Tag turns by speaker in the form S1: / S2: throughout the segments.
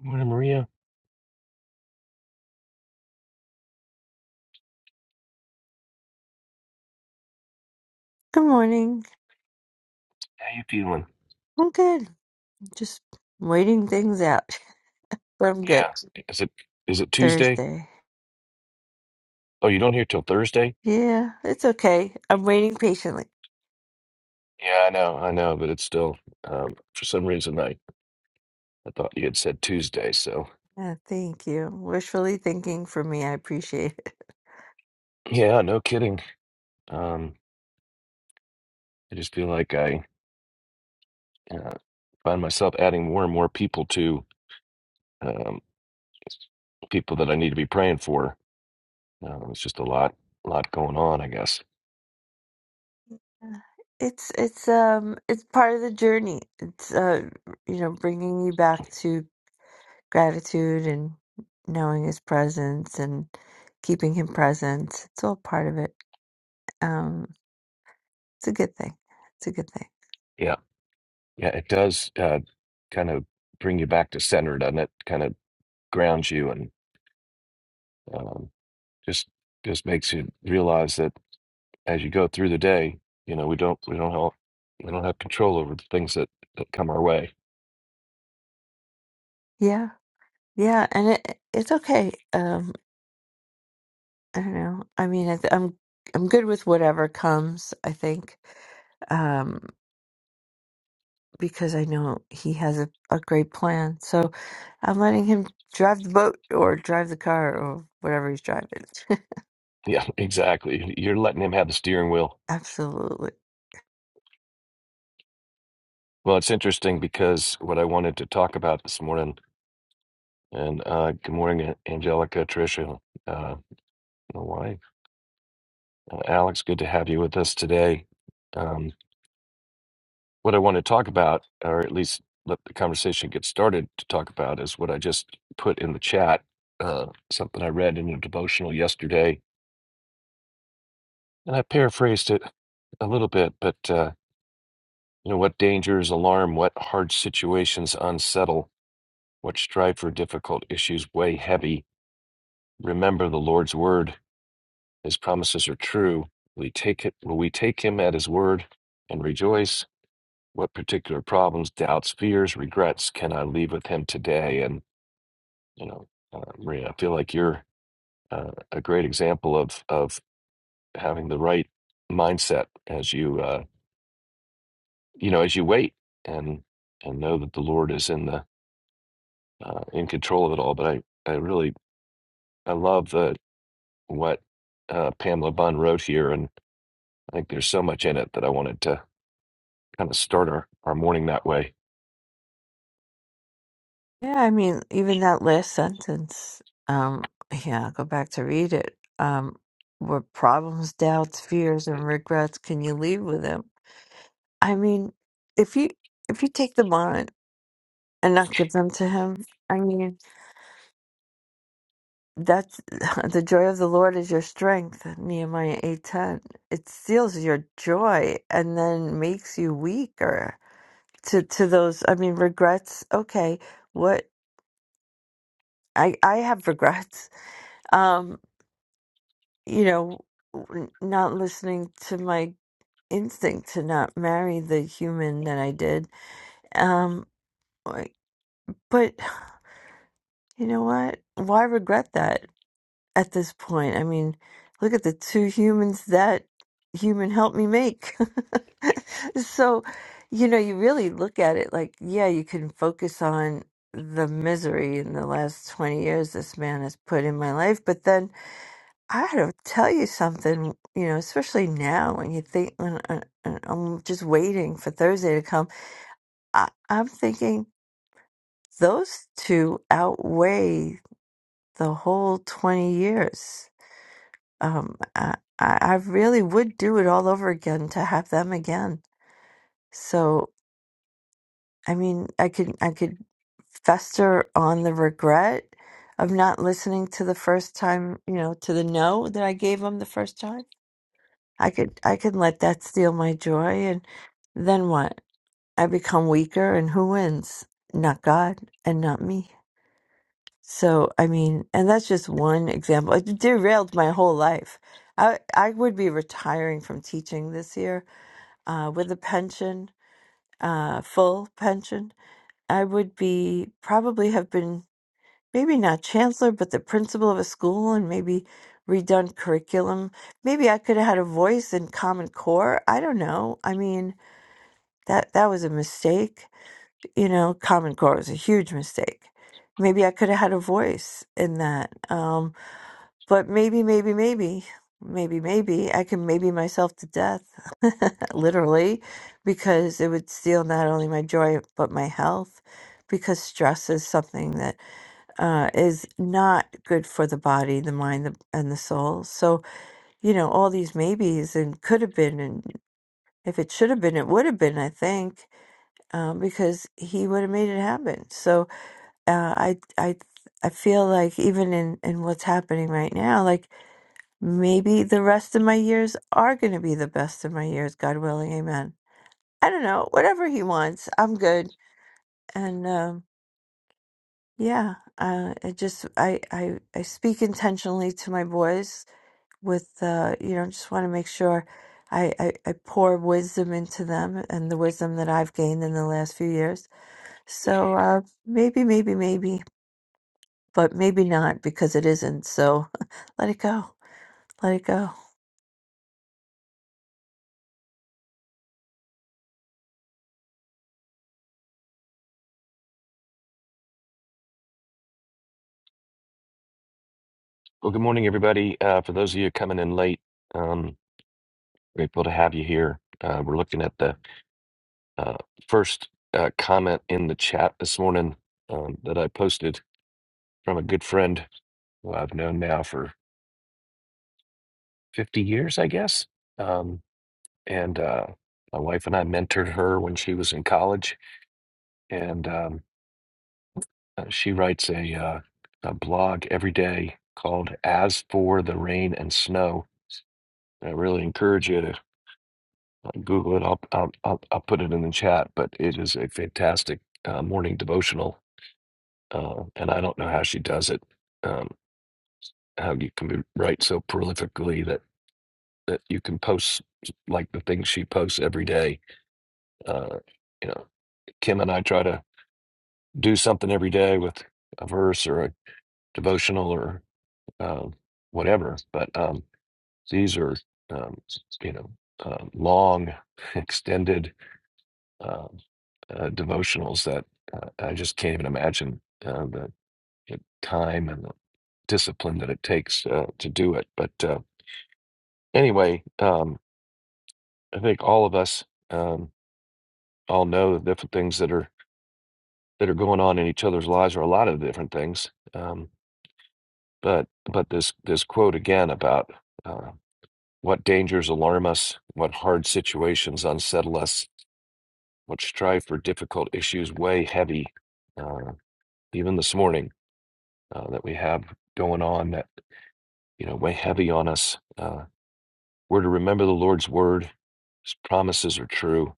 S1: Morning, Maria.
S2: Good morning.
S1: How you feeling?
S2: I'm good. Just waiting things out. But I'm good.
S1: Yeah. Is it is it Tuesday?
S2: Thursday.
S1: Oh, you don't hear till Thursday?
S2: Yeah, it's okay. I'm waiting patiently.
S1: Yeah, I know, I know, but it's still um for some reason I I thought you had said Tuesday, so
S2: Yeah, thank you. Wishfully thinking for me. I appreciate it.
S1: yeah, no kidding. Um I just feel like I uh, find myself adding more and more people to um people that I need to be praying for. Um, it's just a lot lot going on, I guess.
S2: Uh, It's it's um it's part of the journey. It's uh you know bringing you back to gratitude and knowing his presence and keeping him present. It's all part of it. Um, it's a good thing. It's a good thing.
S1: Yeah. Yeah, it does uh kind of bring you back to center, doesn't it? Kind of grounds you and um just just makes you realize that as you go through the day, you know, we don't we don't help we don't have control over the things that, that come our way.
S2: Yeah, yeah, and it it's okay. Um, I don't know. I mean, I th- I'm I'm good with whatever comes, I think, um, because I know he has a, a great plan. So I'm letting him drive the boat or drive the car or whatever he's driving.
S1: Yeah, exactly. You're letting him have the steering wheel.
S2: Absolutely.
S1: Well, it's interesting because what I wanted to talk about this morning, and uh, good morning, A- Angelica, Tricia, uh, my wife, uh, Alex. Good to have you with us today. Um, what I want to talk about, or at least let the conversation get started to talk about, is what I just put in the chat. Uh, something I read in a devotional yesterday, and I paraphrased it a little bit. But uh, you know, what dangers alarm, what hard situations unsettle, what strive for difficult issues weigh heavy. Remember the Lord's word; His promises are true. We take it. Will we take Him at His word and rejoice? What particular problems, doubts, fears, regrets can I leave with Him today? And You know, uh, Maria, I feel like you're uh, a great example of of having the right mindset as you uh, you know as you wait and and know that the Lord is in the uh, in control of it all. But I I really I love the what uh, Pamela Bunn wrote here, and I think there's so much in it that I wanted to kind of start our, our morning that way.
S2: Yeah, I mean, even that last sentence, um, yeah, I'll go back to read it. Um, what problems, doubts, fears, and regrets can you leave with him? I mean, if you if you take them on and not give them to him, I mean. that's the joy of the Lord is your strength, Nehemiah eight ten. It steals your joy and then makes you weaker to to those. I mean, regrets. Okay, what I I have regrets. Um, you know, n- not listening to my instinct to not marry the human that I did. Um, I- but you know what? Why regret that? at this point. I mean, look at the two humans that human helped me make. so, you know, you really look at it like, yeah, you can focus on the misery in the last 20 years this man has put in my life. But then I had to tell you something, you know, especially now when you think, when I, I- I'm just waiting for Thursday to come, I, I'm thinking those two outweigh the whole 20 years um, I, I I really would do it all over again to have them again. So, I mean, I could I could fester on the regret of not listening to the first time, you know, to the no that I gave them the first time. I could I could let that steal my joy, and then what? I become weaker, and who wins? Not God, and not me. So, I mean, and that's just one example. It derailed my whole life. I I would be retiring from teaching this year uh, with a pension, uh, full pension. I would be probably have been maybe not chancellor, but the principal of a school and maybe redone curriculum. Maybe I could have had a voice in Common Core. I don't know. I mean, that that was a mistake. You know, Common Core was a huge mistake. Maybe I could have had a voice in that. Um, But maybe, maybe, maybe, maybe, maybe I can maybe myself to death, literally, because it would steal not only my joy but my health. Because stress is something that uh, is not good for the body, the mind, the, and the soul. So you know all these maybes and could have been, and if it should have been, it would have been. I think um, because he would have made it happen. So uh, I, I, I feel like even in in what's happening right now, like Maybe the rest of my years are going to be the best of my years, God willing. Amen. I don't know. Whatever He wants, I'm good. And um, yeah, uh, I just I, I I speak intentionally to my boys with uh, you know just want to make sure I, I I pour wisdom into them and the wisdom that I've gained in the last few years. So uh, maybe maybe maybe, but maybe not because it isn't. So let it go. Let it go.
S1: Well, good morning, everybody. Uh, for those of you coming in late, um, grateful to have you here. Uh, we're looking at the uh, first uh, comment in the chat this morning um, that I posted from a good friend who I've known now for 50 years, I guess. Um, and uh, my wife and I mentored her when she was in college, and um, uh, she writes a, uh, a blog every day called "As for the Rain and Snow." I really encourage you to uh, Google it. I'll I'll, I'll, I'll put it in the chat, but it is a fantastic uh, morning devotional, uh, and I don't know how she does it. Um, how you can be, write so prolifically that that you can post like the things she posts every day. Uh, you know, Kim and I try to do something every day with a verse or a devotional or um, whatever. But um, these are, um, you know, uh, long, extended um uh, devotionals that uh, I just can't even imagine uh, the, the time and the discipline that it takes uh, to do it. But uh, anyway, um, I think all of us um, all know the different things that are that are going on in each other's lives, or a lot of different things. Um, But but this this quote again about uh, what dangers alarm us, what hard situations unsettle us, what strive for difficult issues weigh heavy. Uh, even this morning uh, that we have going on that you know weigh heavy on us. Uh, we're to remember the Lord's word; His promises are true.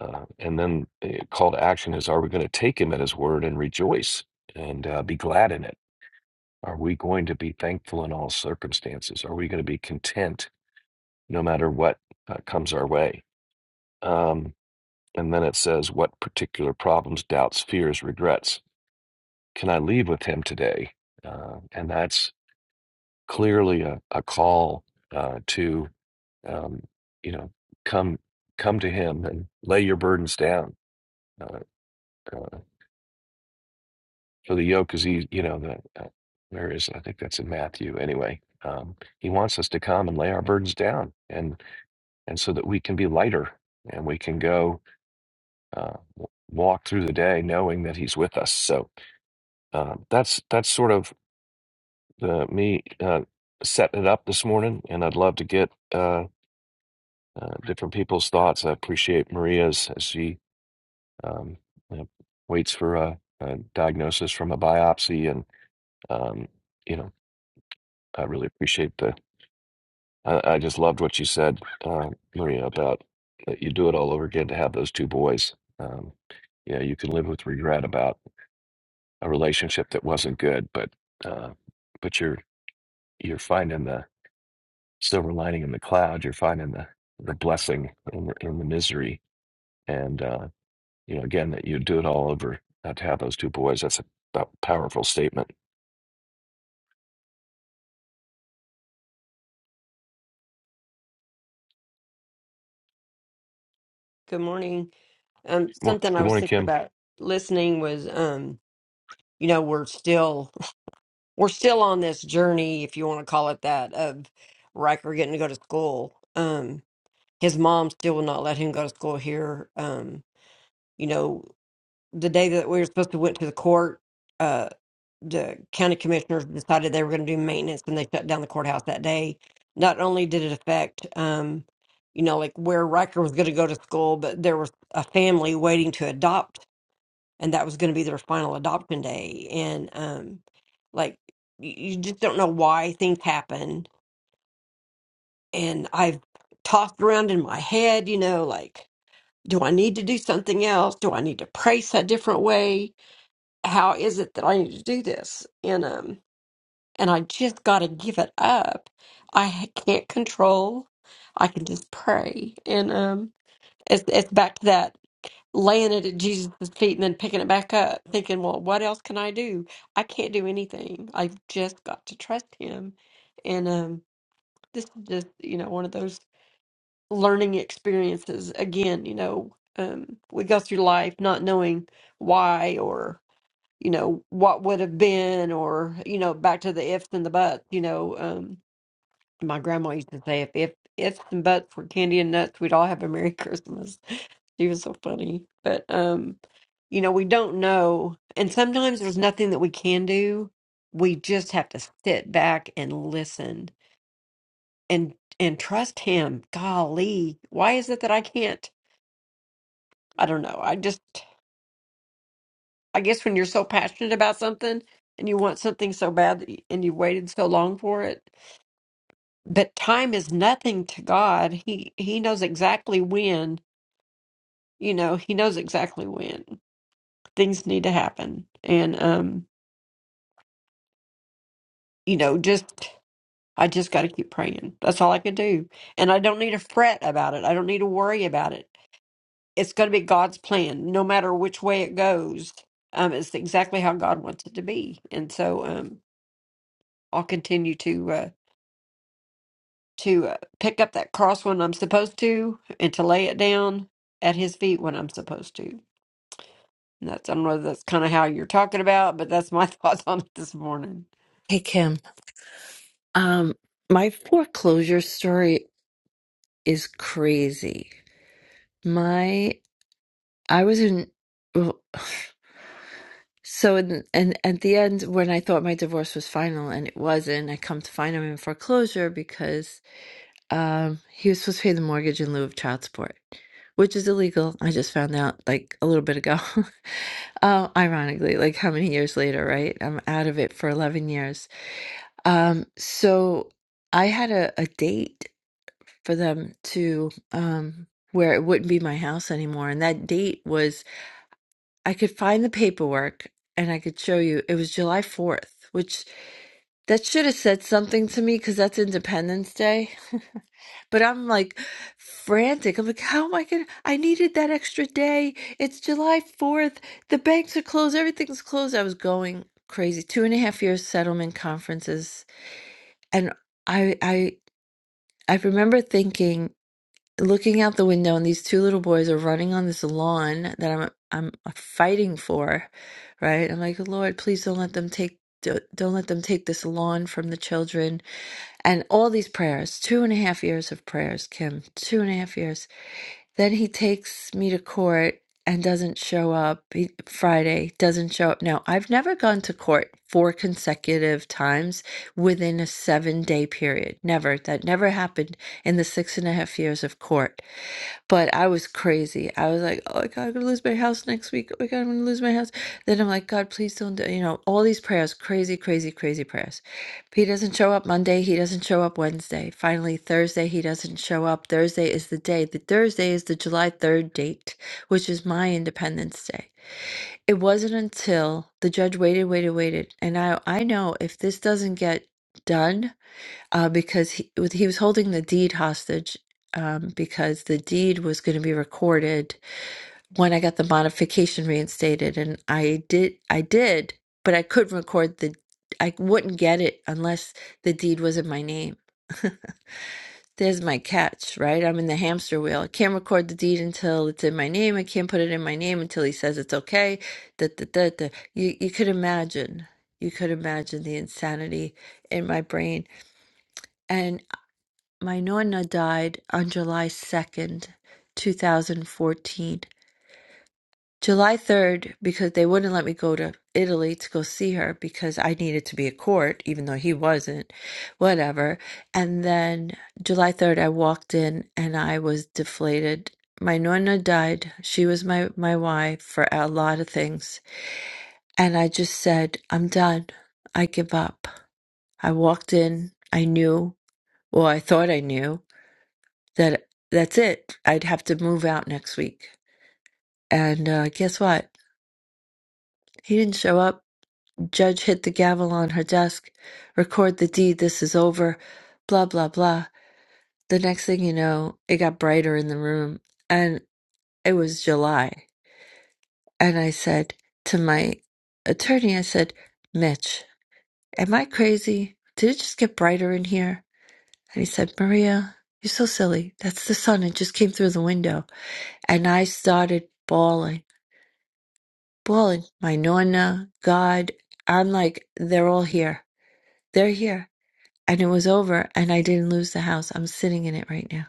S1: Uh, and then uh, call to action is: Are we going to take Him at His word and rejoice and uh, be glad in it? Are we going to be thankful in all circumstances? Are we going to be content? no matter what uh, comes our way. Um, and then it says, What particular problems, doubts, fears, regrets can I leave with him today? Uh, and that's clearly a, a call uh, to, um, you know, come come to him and lay your burdens down. Uh, uh, for the yoke is easy, you know, the, uh, where is it? I think that's in Matthew anyway. Um, he wants us to come and lay our burdens down and, and so that we can be lighter and we can go uh, walk through the day knowing that He's with us. So um, that's that's sort of uh, me uh, setting it up this morning, and I'd love to get uh, uh, different people's thoughts. I appreciate Maria's as she um, you waits for a, a diagnosis from a biopsy, and um, you know, I really appreciate the. I, I just loved what you said, uh, Maria, about that you do it all over again to have those two boys. Um, yeah, you can live with regret about a relationship that wasn't good, but uh, but you're you're finding the silver lining in the cloud. You're finding the the blessing in the, in the misery, and uh, you know again that you do it all over. Not to have those two boys. That's a, a powerful statement.
S3: Good morning. Um,
S1: Mor-
S3: something I
S1: Good
S3: was
S1: morning,
S3: thinking
S1: Kim.
S3: about listening was, um, you know, we're still we're still on this journey, if you want to call it that, of Riker getting to go to school. Um, his mom still will not let him go to school here. Um, you know, the day that we were supposed to went to the court, uh, the county commissioners decided they were going to do maintenance, and they shut down the courthouse that day. Not only did it affect, um, you know, like where Riker was going to go to school, but there was a family waiting to adopt and that was going to be their final adoption day and um like you you just don't know why things happen and i've tossed around in my head you know like do i need to do something else do i need to price a different way how is it that i need to do this and um and i just got to give it up i ha- can't control i can just pray and um it's it's back to that laying it at Jesus' feet and then picking it back up, thinking, well, what else can I do? I can't do anything. I've just got to trust him. And um, this is just, you know, one of those learning experiences. Again, you know, um, we go through life not knowing why or, you know, what would have been or, you know, back to the ifs and the buts, you know. Um, my grandma used to say, if, if ifs and buts were candy and nuts, we'd all have a Merry Christmas. She was so funny. But, um, you know, we don't know. And sometimes there's nothing that we can do. We just have to sit back and listen and and trust him. Golly, why is it that I can't? I don't know. I just I guess when you're so passionate about something and you want something so bad that you, and you waited so long for it, but time is nothing to God. He he knows exactly when, you know, he knows exactly when things need to happen. And um, you know, just I just got to keep praying. That's all I can do. And I don't need to fret about it. I don't need to worry about it. It's going to be God's plan, no matter which way it goes. Um, it's exactly how God wants it to be. And so um, I'll continue to uh, to uh, pick up that cross when I'm supposed to, and to lay it down at His feet when I'm supposed to. And that's I don't know if that's kind of how you're talking about, but that's my thoughts on it this morning.
S2: Hey, Kim. Um, my foreclosure story is crazy. My I was in well, so in and at the end when I thought my divorce was final and it wasn't, I come to find him in foreclosure because um he was supposed to pay the mortgage in lieu of child support, which is illegal. I just found out like a little bit ago. uh, ironically, like how many years later, right? I'm out of it for 11 years. Um, so I had a, a date for them to um where it wouldn't be my house anymore and that date was i could find the paperwork and i could show you it was july 4th which that should have said something to me because that's independence day but i'm like frantic i'm like how am i gonna i needed that extra day it's july 4th the banks are closed everything's closed i was going crazy two and a half years settlement conferences and i i i remember thinking looking out the window and these two little boys are running on this lawn that I'm I'm uh, fighting for, right? I'm like, Lord, please don't let them take don't don't let them take this lawn from the children and all these prayers two and a half years of prayers kim two and a half years then he takes me to court and doesn't show up he, friday doesn't show up now i've never gone to court four consecutive times within a seven day period never that never happened in the six and a half years of court but I was crazy. I was like, oh my God, I'm gonna lose my house next week. Oh my God, I'm gonna lose my house. Then I'm like, God, please don't, do-" you know, all these prayers, crazy, crazy, crazy prayers. He doesn't show up Monday. He doesn't show up Wednesday. Finally, Thursday, he doesn't show up. Thursday is the day. The Thursday is the July 3rd date, which is my Independence Day. It wasn't until the judge waited, waited, waited. And I, I know if this doesn't get done, uh, because he, with- he was holding the deed hostage um, because the deed was going to be recorded when I got the modification reinstated, and I did, I did, but I couldn't record the, I wouldn't get it unless the deed was in my name. There's my catch, right? I'm in the hamster wheel. I can't record the deed until it's in my name. I can't put it in my name until he says it's okay. Da, da, da, da. You you could imagine, you could imagine the insanity in my brain my nonna died on July 2nd, 2014. July 3rd, because they wouldn't let me go to Italy to go see her because I needed to be at court, even though he wasn't, whatever. And then July 3rd, I walked in and I was deflated. My nonna died. She was my, my wife for a lot of things. And I just said, I'm done. I give up. I walked in. I knew, well, I thought I knew that that's it. I'd have to move out next week. And uh, guess what? He didn't show up. Judge hit the gavel on her desk, record the deed, this is over, blah, blah, blah. The next thing you know, it got brighter in the room and it was July. And I said to my attorney, I said, Mitch, am I crazy? Did it just get brighter in here? And he said, Maria, you're so silly. That's the sun. It just came through the window. And I started bawling Boy, my Nonna, God, I'm like, they're all here. They're here. And it was over, and I didn't lose the house. I'm sitting in it right now.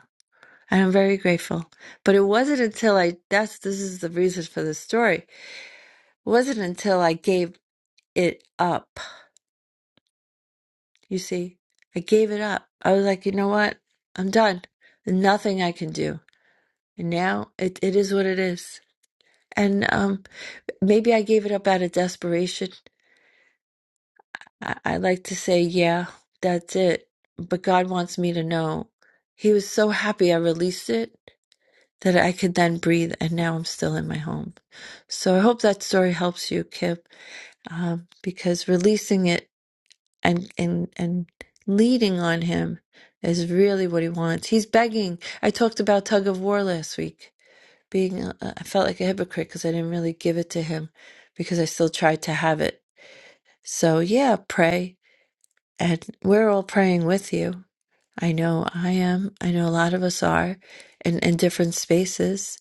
S2: And I'm very grateful. But it wasn't until I, that's, this is the reason for the story. It wasn't until I gave it up. You see, I gave it up. I was like, you know what? I'm done. Nothing I can do. And now it, it is what it is. And um, maybe I gave it up out of desperation. I, I like to say, yeah, that's it. But God wants me to know. He was so happy I released it that I could then breathe, and now I'm still in my home. So I hope that story helps you, Kip, um, because releasing it and, and, and leading on Him is really what He wants. He's begging. I talked about tug of war last week. Being, uh, I felt like a hypocrite because I didn't really give it to Him because I still tried to have it. So yeah, pray and we're all praying with you. I know I am. I know a lot of us are in, in different spaces.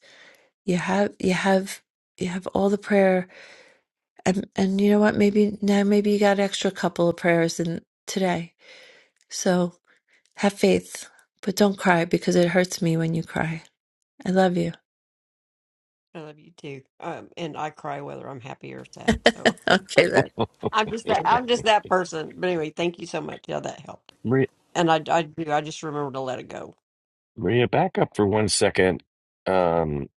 S2: You have you have you have all the prayer and and you know what? Maybe now maybe you got an extra couple of prayers in today. So have faith, but don't cry because it hurts me when you cry. I love you.
S3: I love you too. Um, and I cry whether I'm happy or sad. So
S2: Okay then.
S3: I'm just that I'm just that person. But anyway, thank you so much. Yeah, that helped.
S1: Maria,
S3: And I I do I just remember to let it go.
S1: Maria, back up for one second. Um,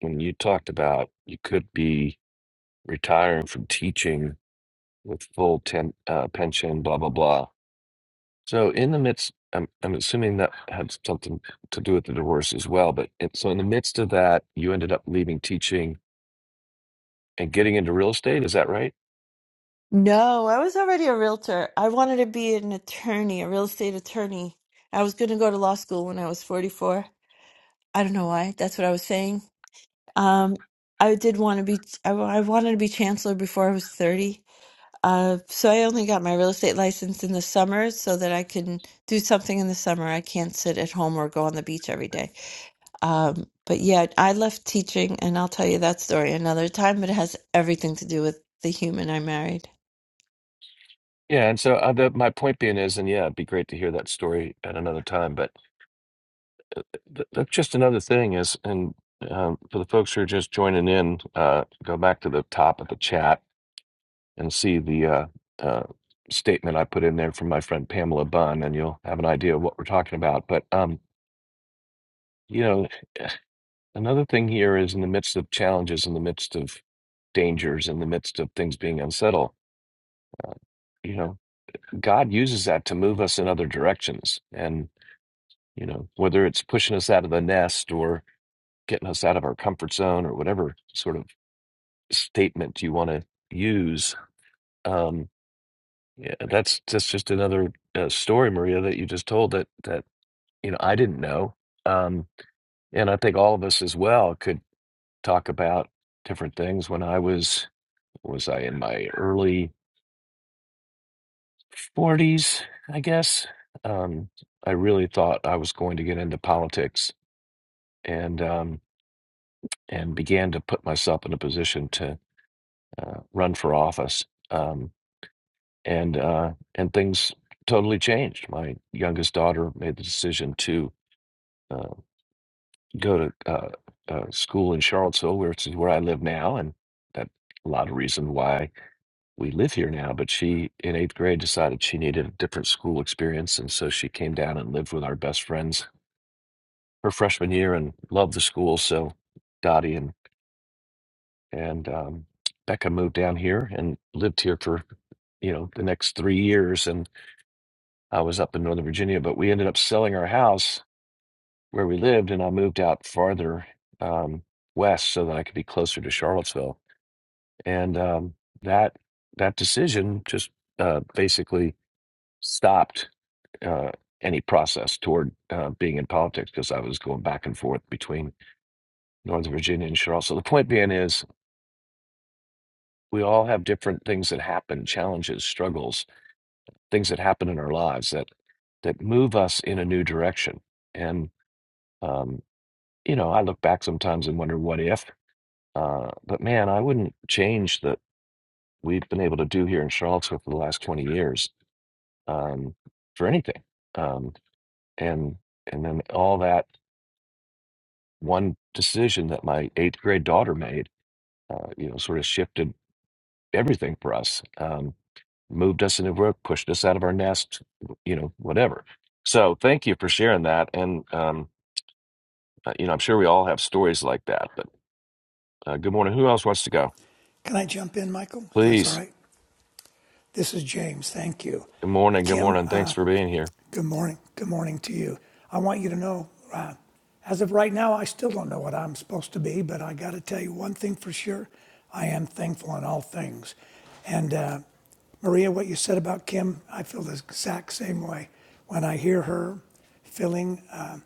S1: when you talked about you could be retiring from teaching with full ten, uh, pension, blah blah blah So in the midst, I'm I'm assuming that had something to do with the divorce as well. But it, so in the midst of that, you ended up leaving teaching and getting into real estate. Is that right?
S2: No, I was already a realtor. I wanted to be an attorney, a real estate attorney. I was going to go to law school when I was 44. I don't know why. That's what I was saying. Um, I did want to be, I, wa- I wanted to be chancellor before I was 30. Uh, so I only got my real estate license in the summer so that I can do something in the summer. I can't sit at home or go on the beach every day. Um, but yeah, I left teaching, and I'll tell you that story another time, but it has everything to do with the human I married.
S1: Yeah. And so uh, the, my point being is, and yeah, it'd be great to hear that story at another time. But th- that's just another thing is, and um, for the folks who are just joining in, uh, go back to the top of the chat and see the uh, uh, statement I put in there from my friend Pamela Bunn, and you'll have an idea of what we're talking about. But um, you know, Another thing here is in the midst of challenges, in the midst of dangers, in the midst of things being unsettled, uh, you know, God uses that to move us in other directions. And, you know, whether it's pushing us out of the nest or getting us out of our comfort zone or whatever sort of statement you want to use, um, yeah, that's, that's just another uh, story, Maria, that you just told that, that, you know, I didn't know. Um, and I think all of us as well could talk about different things when I was was I in my early 40s, I guess. Um, I really thought I was going to get into politics and um, and began to put myself in a position to uh, run for office. Um, and uh, and things totally changed. My youngest daughter made the decision to uh, go to uh, uh, school in Charlottesville, where it's where I live now, and that a lot of reason why we live here now, but she in eighth grade decided she needed a different school experience. And so she came down and lived with our best friends her freshman year and loved the school. So Dottie and, and um, Becca moved down here and lived here for, you know, the next three years. And I was up in Northern Virginia, but we ended up selling our house where we lived and I moved out farther um, west so that I could be closer to Charlottesville. And um, that, that decision just uh, basically stopped uh, any process toward uh, being in politics because I was going back and forth between Northern Virginia and Charlotte. So the point being is, we all have different things that happen, challenges, struggles, things that happen in our lives that that move us in a new direction. And um, you know, I look back sometimes and wonder what if. Uh, but man, I wouldn't change that we've been able to do here in Charlottesville for the last twenty years um, for anything. Um, and and then all that one decision that my eighth grade daughter made, uh, you know, sort of shifted everything for us, um, moved us into work, pushed us out of our nest, you know, whatever. So thank you for sharing that. And, um, uh, you know, I'm sure we all have stories like that, but uh, good morning. Who else wants to go?
S4: Can I jump in, Michael, if that's all
S1: Please.
S4: right? This is James. Thank you.
S1: Good morning. Good
S4: Kim,
S1: morning.
S4: uh,
S1: Thanks for being here.
S4: Good morning. Good morning to you. I want you to know, uh, as of right now, I still don't know what I'm supposed to be, but I got to tell you one thing for sure I am thankful in all things. And uh, Maria, what you said about Kim, I feel the exact same way. When I hear her feeling uh,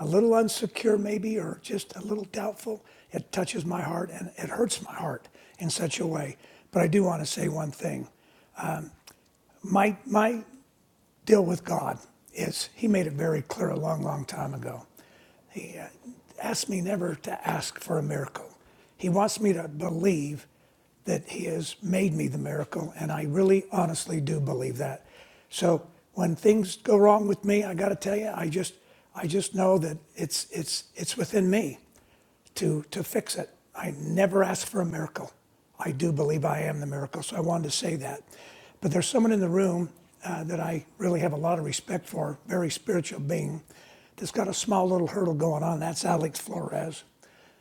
S4: a little insecure, maybe, or just a little doubtful, it touches my heart and it hurts my heart in such a way. But I do want to say one thing. My, my deal with God is he made it very clear a long, long time ago. He uh, asked me never to ask for a miracle. He wants me to believe that he has made me the miracle, and I really honestly do believe that. So when things go wrong with me, I got to tell you, I just I just know that it's it's it's within me to, to fix it. I never ask for a miracle. I do believe I am the miracle, so I wanted to say that. But there's someone in the room uh, that I really have a lot of respect for, very spiritual being, that's got a small little hurdle going on. That's Alex Flores.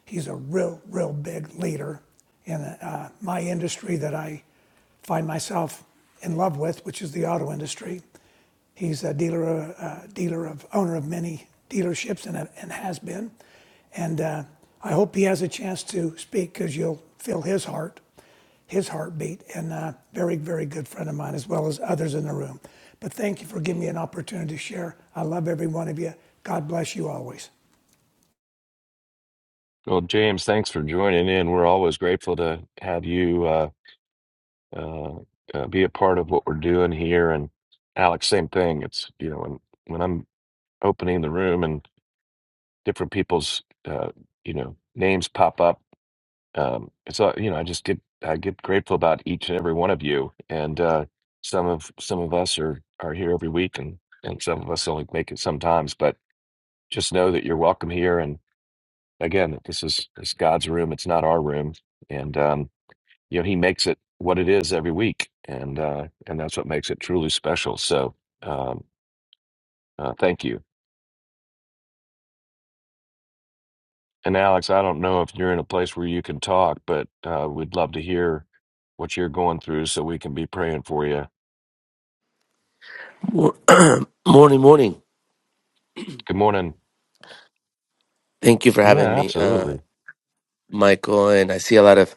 S4: He's a real, real big leader in uh, my industry that I find myself in love with, which is the auto industry. He's a dealer, uh, dealer of owner of many dealerships and, and has been. And uh, I hope he has a chance to speak because you'll feel his heart, his heartbeat, and uh, very, very good friend of mine as well as others in the room. But thank you for giving me an opportunity to share. I love every one of you. God bless you always.
S1: Well, James, thanks for joining in. We're always grateful to have you uh, uh, uh, be a part of what we're doing here. And Alex, same thing. It's, you know, when, when I'm opening the room and different people's uh, you know names pop up. Um, it's all you know. I just get I get grateful about each and every one of you, and uh, some of some of us are are here every week, and and some of us only make it sometimes. But just know that you're welcome here. And again, this is it's God's room. It's not our room, and um, you know He makes it what it is every week, and uh, and that's what makes it truly special. So um, uh, thank you And Alex, I don't know if you're in a place where you can talk, but uh, we'd love to hear what you're going through so we can be praying for you.
S5: Mor- morning, morning.
S1: Good morning.
S5: Thank you for
S1: Yeah,
S5: having me, uh,
S1: absolutely.
S5: Michael. And I see a lot of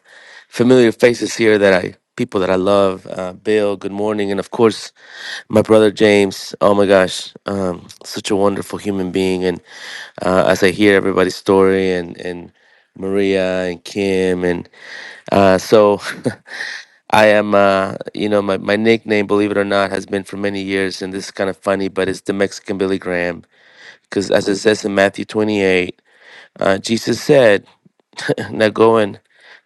S5: familiar faces here that I people that I love. Uh, Bill, good morning, and of course my brother James. Oh my gosh, um, such a wonderful human being. And uh, as I hear everybody's story, and and Maria and Kim, and uh, so I am. Uh, you know, my my nickname, believe it or not, has been for many years, and this is kind of funny, but it's the Mexican Billy Graham Because as it says in Matthew 28, uh, Jesus said, Now go and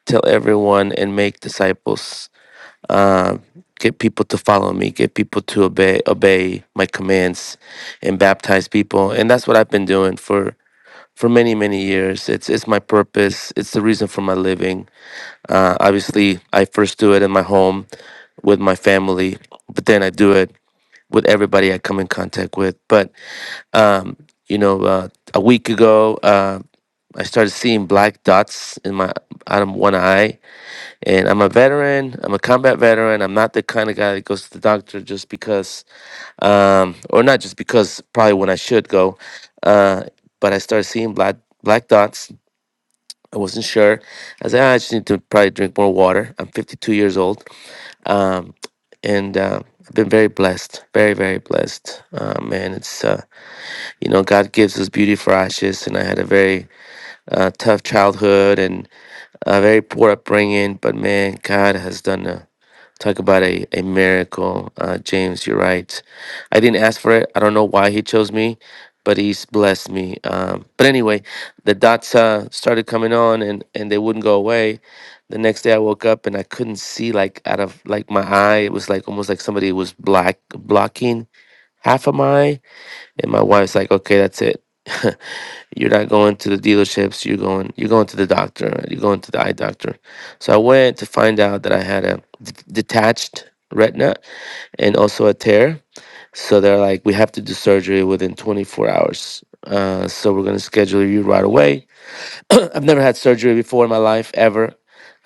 S5: tell everyone and make disciples. Uh, get people to follow me. Get people to obey obey my commands, and baptize people. And that's what I've been doing for for many many years. It's it's my purpose. It's the reason for my living. Uh, obviously, I first do it in my home with my family, but then I do it with everybody I come in contact with. But um, you know, uh, a week ago. Uh, I started seeing black dots in my out of one eye, and I'm a veteran. I'm a combat veteran. I'm not the kind of guy that goes to the doctor just because, um, or not just because. Probably when I should go, uh, but I started seeing black black dots. I wasn't sure. I said, "Ah, I just need to probably drink more water. I'm 52 years old, um, and uh, I've been very blessed, very very blessed. Uh, man, it's uh, you know God gives us beauty for ashes, and I had a very uh, tough childhood, and a very poor upbringing, but man, God has done a talk about a, a miracle. Uh, James, you're right. I didn't ask for it. I don't know why he chose me, but he's blessed me. Um, but anyway, the dots uh, started coming on and, and they wouldn't go away. The next day I woke up and I couldn't see like out of like my eye. It was like almost like somebody was black blocking half of my eye and my wife's like, okay, that's it. you're not going to the dealerships. You're going. You're going to the doctor. You're going to the eye doctor. So I went to find out that I had a d- detached retina and also a tear. So they're like, we have to do surgery within 24 hours. Uh, so we're gonna schedule you right away. I've never had surgery before in my life ever.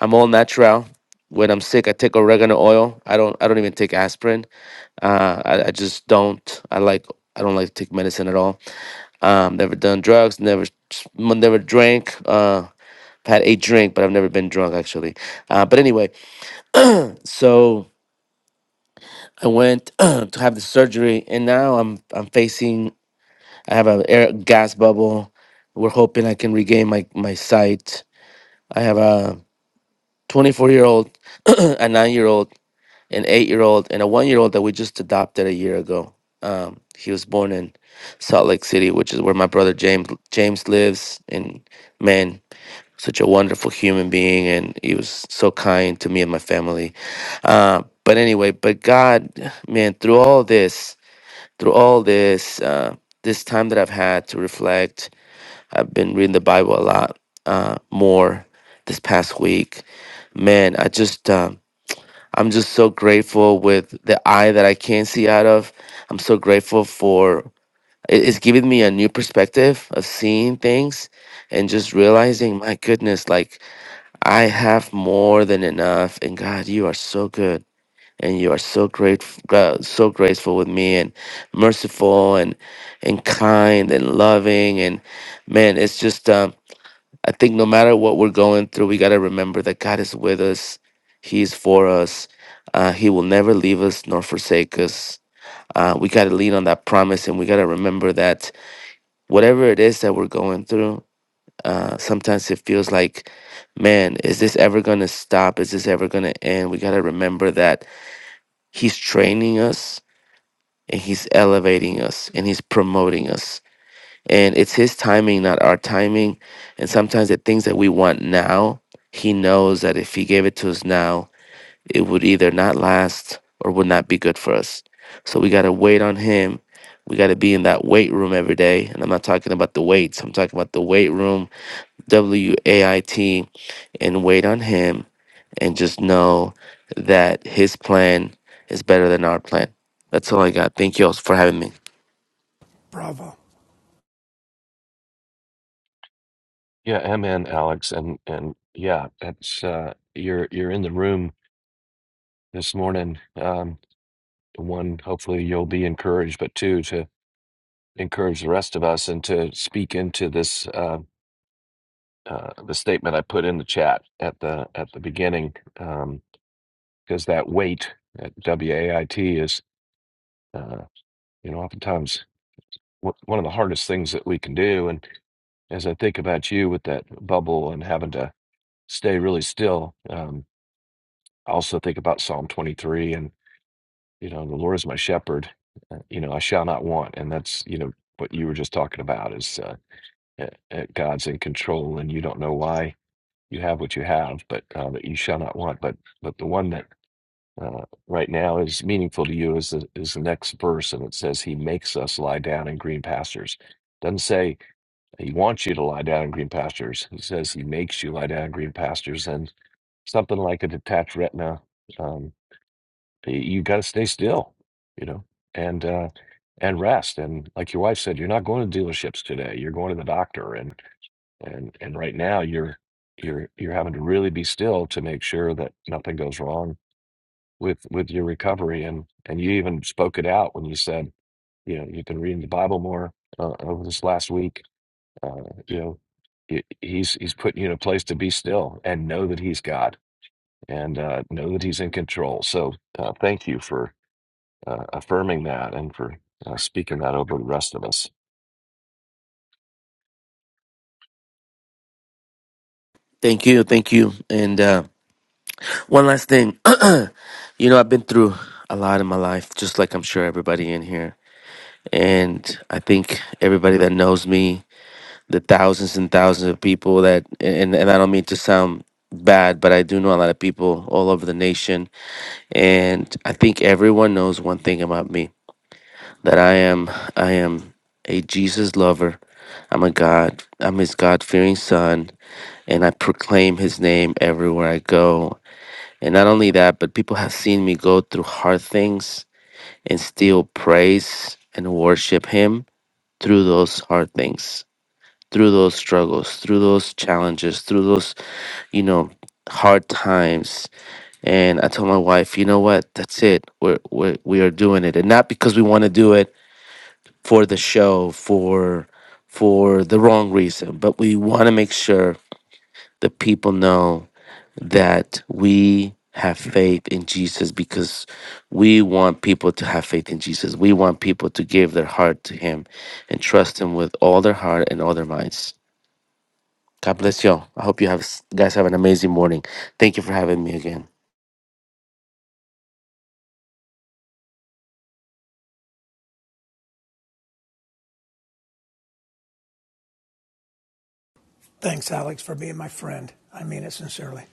S5: I'm all natural. When I'm sick, I take oregano oil. I don't. I don't even take aspirin. Uh, I, I just don't. I like. I don't like to take medicine at all um, never done drugs, never, never drank. Uh, I've had a drink, but I've never been drunk actually. Uh, but anyway, so I went to have the surgery, and now I'm I'm facing. I have a air gas bubble. We're hoping I can regain my my sight. I have a 24 year old, a nine year old, an eight year old, and a one year old that we just adopted a year ago. Um, he was born in Salt Lake City, which is where my brother James James lives in Maine such a wonderful human being and he was so kind to me and my family uh, but anyway but god man through all this through all this uh, this time that i've had to reflect i've been reading the bible a lot uh, more this past week man i just um, i'm just so grateful with the eye that i can see out of i'm so grateful for it- it's giving me a new perspective of seeing things and just realizing my goodness like I have more than enough, and God, you are so good, and you are so grateful, God, so graceful with me, and merciful, and and kind, and loving, and man, it's just um, I think no matter what we're going through, we gotta remember that God is with us, He's for us, uh, He will never leave us nor forsake us. Uh, we gotta lean on that promise, and we gotta remember that whatever it is that we're going through, uh, sometimes it feels like, man, is this ever going to stop? Is this ever going to end? We got to remember that He's training us and He's elevating us and He's promoting us. And it's His timing, not our timing. And sometimes the things that we want now, He knows that if He gave it to us now, it would either not last or would not be good for us. So we got to wait on Him. We got to be in that weight room every day. And I'm not talking about the weights, I'm talking about the weight room W A I T and wait on Him and just know that His plan is better than our plan. That's all I got. Thank you all for having me.
S4: Bravo.
S1: Yeah, i Alex, and and yeah, that's uh, you're you're in the room this morning. Um, one, hopefully you'll be encouraged, but two, to encourage the rest of us and to speak into this uh, uh, the statement I put in the chat at the at the beginning, because that weight at W A I T is. uh, you know oftentimes wh- one of the hardest things that we can do and as i think about you with that bubble and having to stay really still um, i also think about psalm 23 and you know the lord is my shepherd uh, you know i shall not want and that's you know what you were just talking about is uh, uh, uh, god's in control and you don't know why you have what you have but uh, that you shall not want but but the one that uh, right now is meaningful to you is the, is the next verse and it says he makes us lie down in green pastures doesn't say He wants you to lie down in green pastures. He says he makes you lie down in green pastures, and something like a detached retina, um, y- you got to stay still, you know, and uh, and rest. And like your wife said, you're not going to dealerships today. You're going to the doctor, and and and right now you're you're you're having to really be still to make sure that nothing goes wrong with with your recovery. And and you even spoke it out when you said, you know, you've been reading the Bible more uh, over this last week uh, you know, he- he's he's putting you in a place to be still and know that he's God and uh, know that he's in control. So uh, thank you for uh, affirming that and for uh, speaking that over the rest of us.
S5: Thank you. Thank you. And uh, one last thing. you know, I've been through a lot in my life, just like I'm sure everybody in here. And I think everybody that knows me, the thousands and thousands of people that, and, and I don't mean to sound bad, but I do know a lot of people all over the nation And I think everyone knows one thing about me that I am I am a Jesus lover. I'm a God. I'm his God-fearing son and I proclaim his name everywhere I go. And not only that, but people have seen me go through hard things and still praise and worship him through those hard things, through those struggles, through those challenges, through those, you know, hard times And I told my wife, you know what? That's it. We're, we're we are doing it, and not because we want to do it for the show, for for the wrong reason, but we want to make sure that people know that we have faith in Jesus because we want people to have faith in Jesus. We want people to give their heart to Him and trust Him with all their heart and all their minds. God bless y'all. I hope you have guys have an amazing morning. Thank you for having me again.
S4: Thanks, Alex, for being my friend. I mean it sincerely.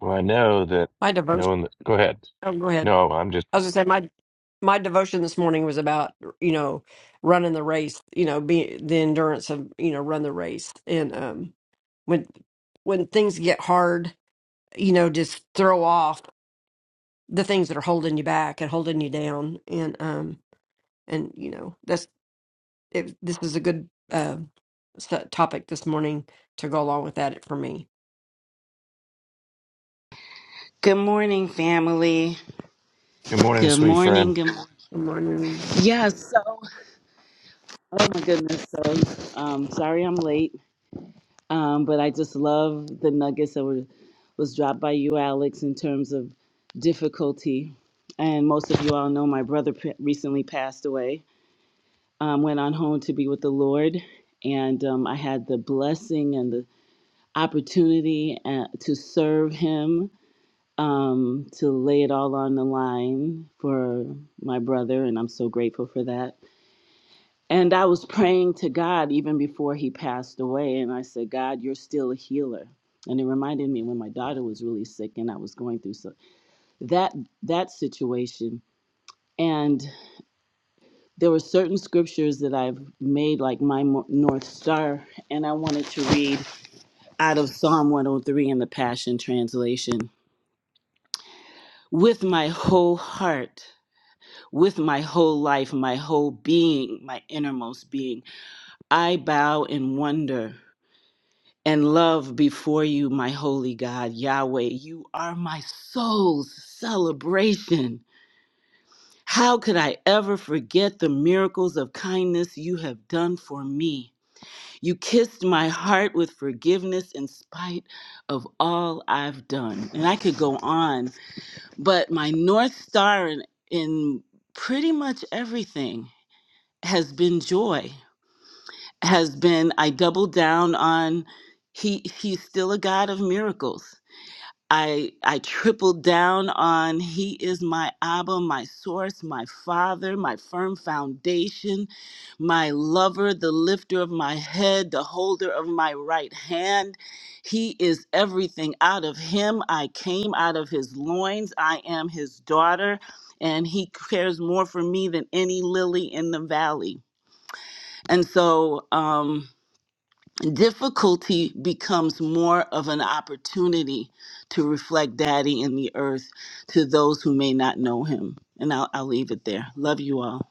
S1: Well, I know that
S3: My devotion.
S1: knowing. That, go ahead.
S3: Oh, go ahead.
S1: No, I'm just.
S3: I was gonna say my my devotion this morning was about you know running the race. You know, be the endurance of you know run the race. And um, when when things get hard, you know, just throw off the things that are holding you back and holding you down. And um, and you know that's it, this is a good uh, s- topic this morning to go along with that for me.
S6: Good morning, family.
S1: Good morning,
S6: Good
S1: sweet
S6: morning.
S1: friend.
S6: Good morning.
S3: Good morning.
S6: Yeah, so, oh my goodness. So, um, sorry I'm late, um, but I just love the nuggets that were, was dropped by you, Alex, in terms of difficulty. And most of you all know my brother p- recently passed away, um, went on home to be with the Lord. And um, I had the blessing and the opportunity uh, to serve him um, to lay it all on the line for my brother, and I'm so grateful for that. And I was praying to God even before he passed away, and I said, God, you're still a healer. And it reminded me when my daughter was really sick and I was going through so that that situation. And there were certain scriptures that I've made like my north star, and I wanted to read out of Psalm 103 in the Passion Translation. With my whole heart. with my whole life, my whole being, my innermost being. I bow in wonder and love before you, my holy God, Yahweh. You are my soul's celebration. How could I ever forget the miracles of kindness you have done for me? You kissed my heart with forgiveness in spite of all I've done. And I could go on, but my North Star in, in pretty much everything has been joy has been i double down on he he's still a god of miracles i i tripled down on he is my abba my source my father my firm foundation my lover the lifter of my head the holder of my right hand he is everything out of him i came out of his loins i am his daughter and he cares more for me than any lily in the valley and so um, difficulty becomes more of an opportunity to reflect Daddy in the earth to those who may not know him. And I'll, I'll leave it there. Love you all.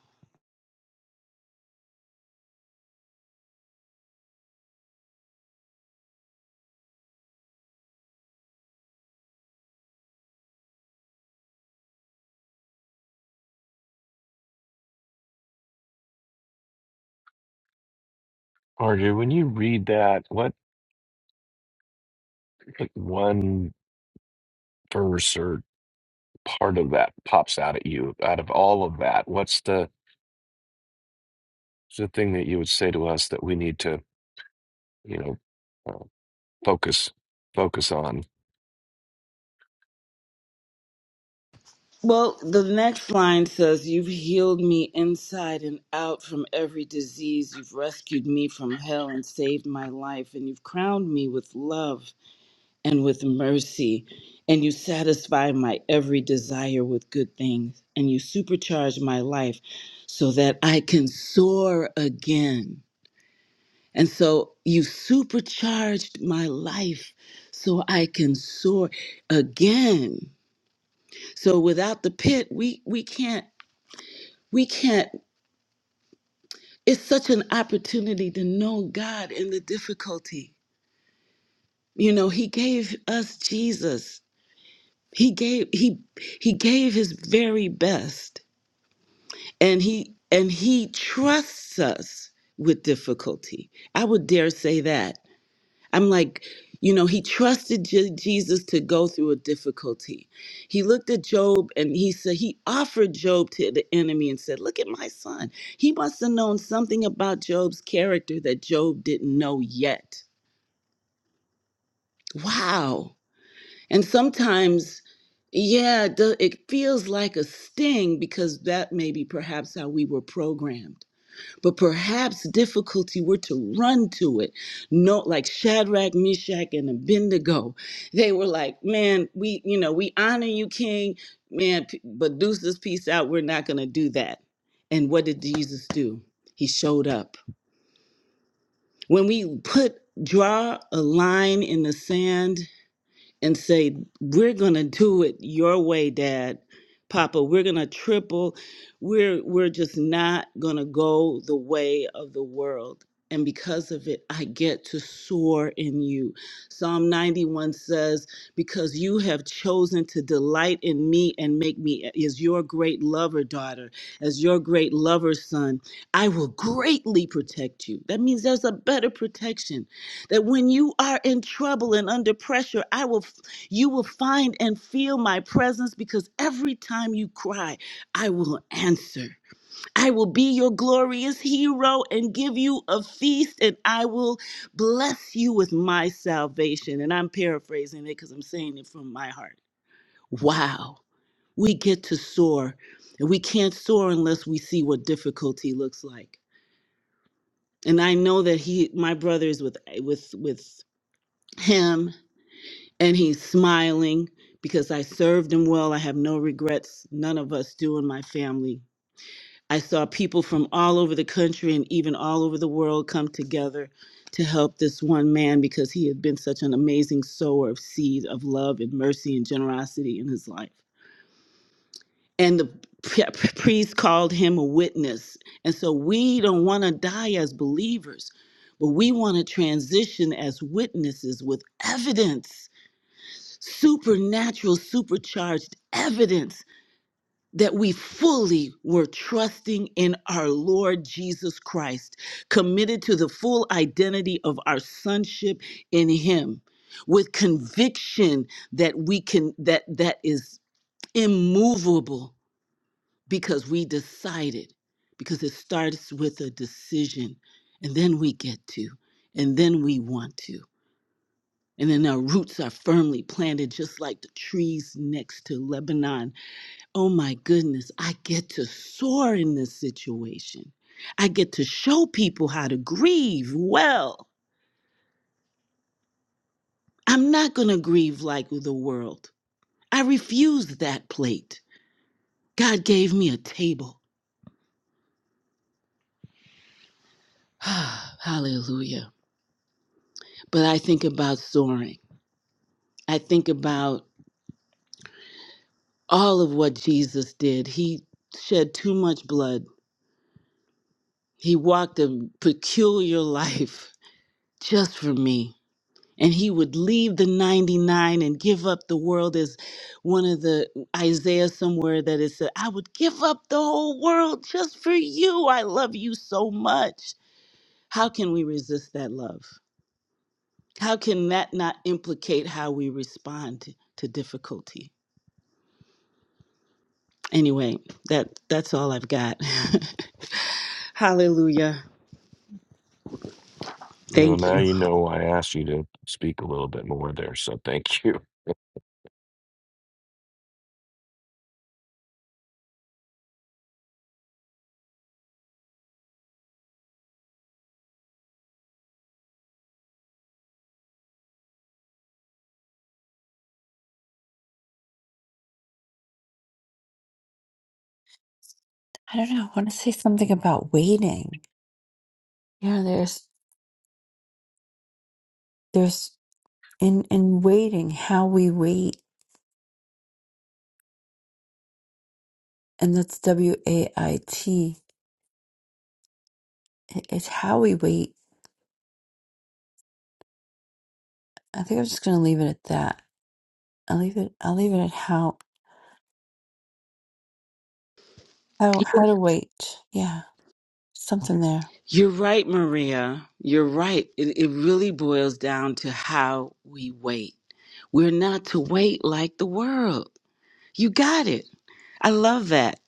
S1: Arju, when you read that, what like, one verse or part of that pops out at you out of all of that? What's the the thing that you would say to us that we need to, you know? uh, focus focus on.
S6: Well, the next line says, You've healed me inside and out from every disease. You've rescued me from hell and saved my life. And you've crowned me with love and with mercy, and you satisfy my every desire with good things, and you supercharge my life so that I can soar again. And so you supercharged my life so I can soar again. So without the pit, we we can't we can't it's such an opportunity to know God in the difficulty. You know, he gave us Jesus he gave he he gave his very best and he and he trusts us with difficulty i would dare say that i'm like you know he trusted Je- jesus to go through a difficulty he looked at job and he said he offered job to the enemy and said look at my son he must have known something about job's character that job didn't know yet wow And sometimes, yeah, it do- it feels like a sting because that may be perhaps how we were programmed. But perhaps difficulty were to run to it. No, like Shadrach, Meshach, and Abednego, they were like, "Man, we, you know, we honor you, King. Man, p- but deuce this piece out. We're not going to do that." And what did Jesus do? He showed up. When we put draw a line in the sand and say, We're gonna do it your way, Dad, Papa. We're gonna triple. We're we're just not gonna go the way of the world. And because of it, I get to soar in you. Psalm 91 says, Because you have chosen to delight in me and make me as your great lover, daughter, as your great lover, son, I will greatly protect you. That means there's a better protection that when you are in trouble and under pressure i will you will find and feel my presence because every time you cry i will answer i will be your glorious hero and give you a feast and i will bless you with my salvation and i'm paraphrasing it because i'm saying it from my heart wow we get to soar and we can't soar unless we see what difficulty looks like and i know that he my brother is with with with him and he's smiling because I served him well. I have no regrets. None of us do in my family. I saw people from all over the country and even all over the world come together to help this one man because he had been such an amazing sower of seed of love and mercy and generosity in his life. And the pri- priest called him a witness. And so we don't want to die as believers, but we want to transition as witnesses with evidence supernatural, supercharged evidence that we fully were trusting in our Lord Jesus Christ, committed to the full identity of our sonship in him with conviction that we can that that is immovable because we decided because it starts with a decision and then we get to and then we want to and then our roots are firmly planted, just like the trees next to Lebanon. Oh my goodness, I get to soar in this situation. I get to show people how to grieve well. I'm not going to grieve like the world. I refuse that plate. God gave me a table. Hallelujah. But I think about soaring. I think about all of what Jesus did. He shed too much blood, he walked a peculiar life. just for me. And he would leave the 99 and give up the world, as one of the Isaiah somewhere that it said, I would give up the whole world just for you. I love you so much. How can we resist that love? How can that not implicate how we respond to difficulty? Anyway, that that's all I've got. Hallelujah.
S1: Well,
S6: Thank
S1: now
S6: you.
S1: you know why I asked you to speak a little bit more there, so thank you.
S2: I don't know. I want to say something about waiting. Yeah, there's there's in in waiting how we wait, and that's W A I T. It- It's how we wait. I think I'm just gonna leave it at that. I'll leave it I'll leave it at how how how to wait. Yeah. Something there.
S6: You're right, Maria. You're right. It, it really boils down to how we wait. We're not to wait like the world. You got it. I love that.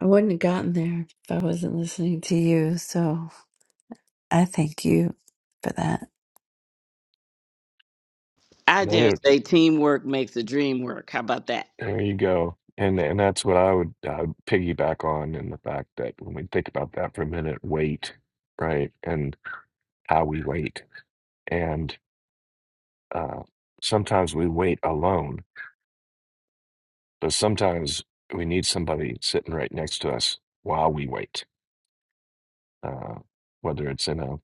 S2: I wouldn't have gotten there if I wasn't listening to you, so I thank you for that.
S6: I dare
S1: Another
S6: say teamwork makes the dream work. How about that?
S1: there you go. And and that's what I would uh, piggyback on in the fact that when we think about that for a minute, wait, right? And how we wait. And uh, sometimes we wait alone, but sometimes we need somebody sitting right next to us while we wait. uh, whether it's in a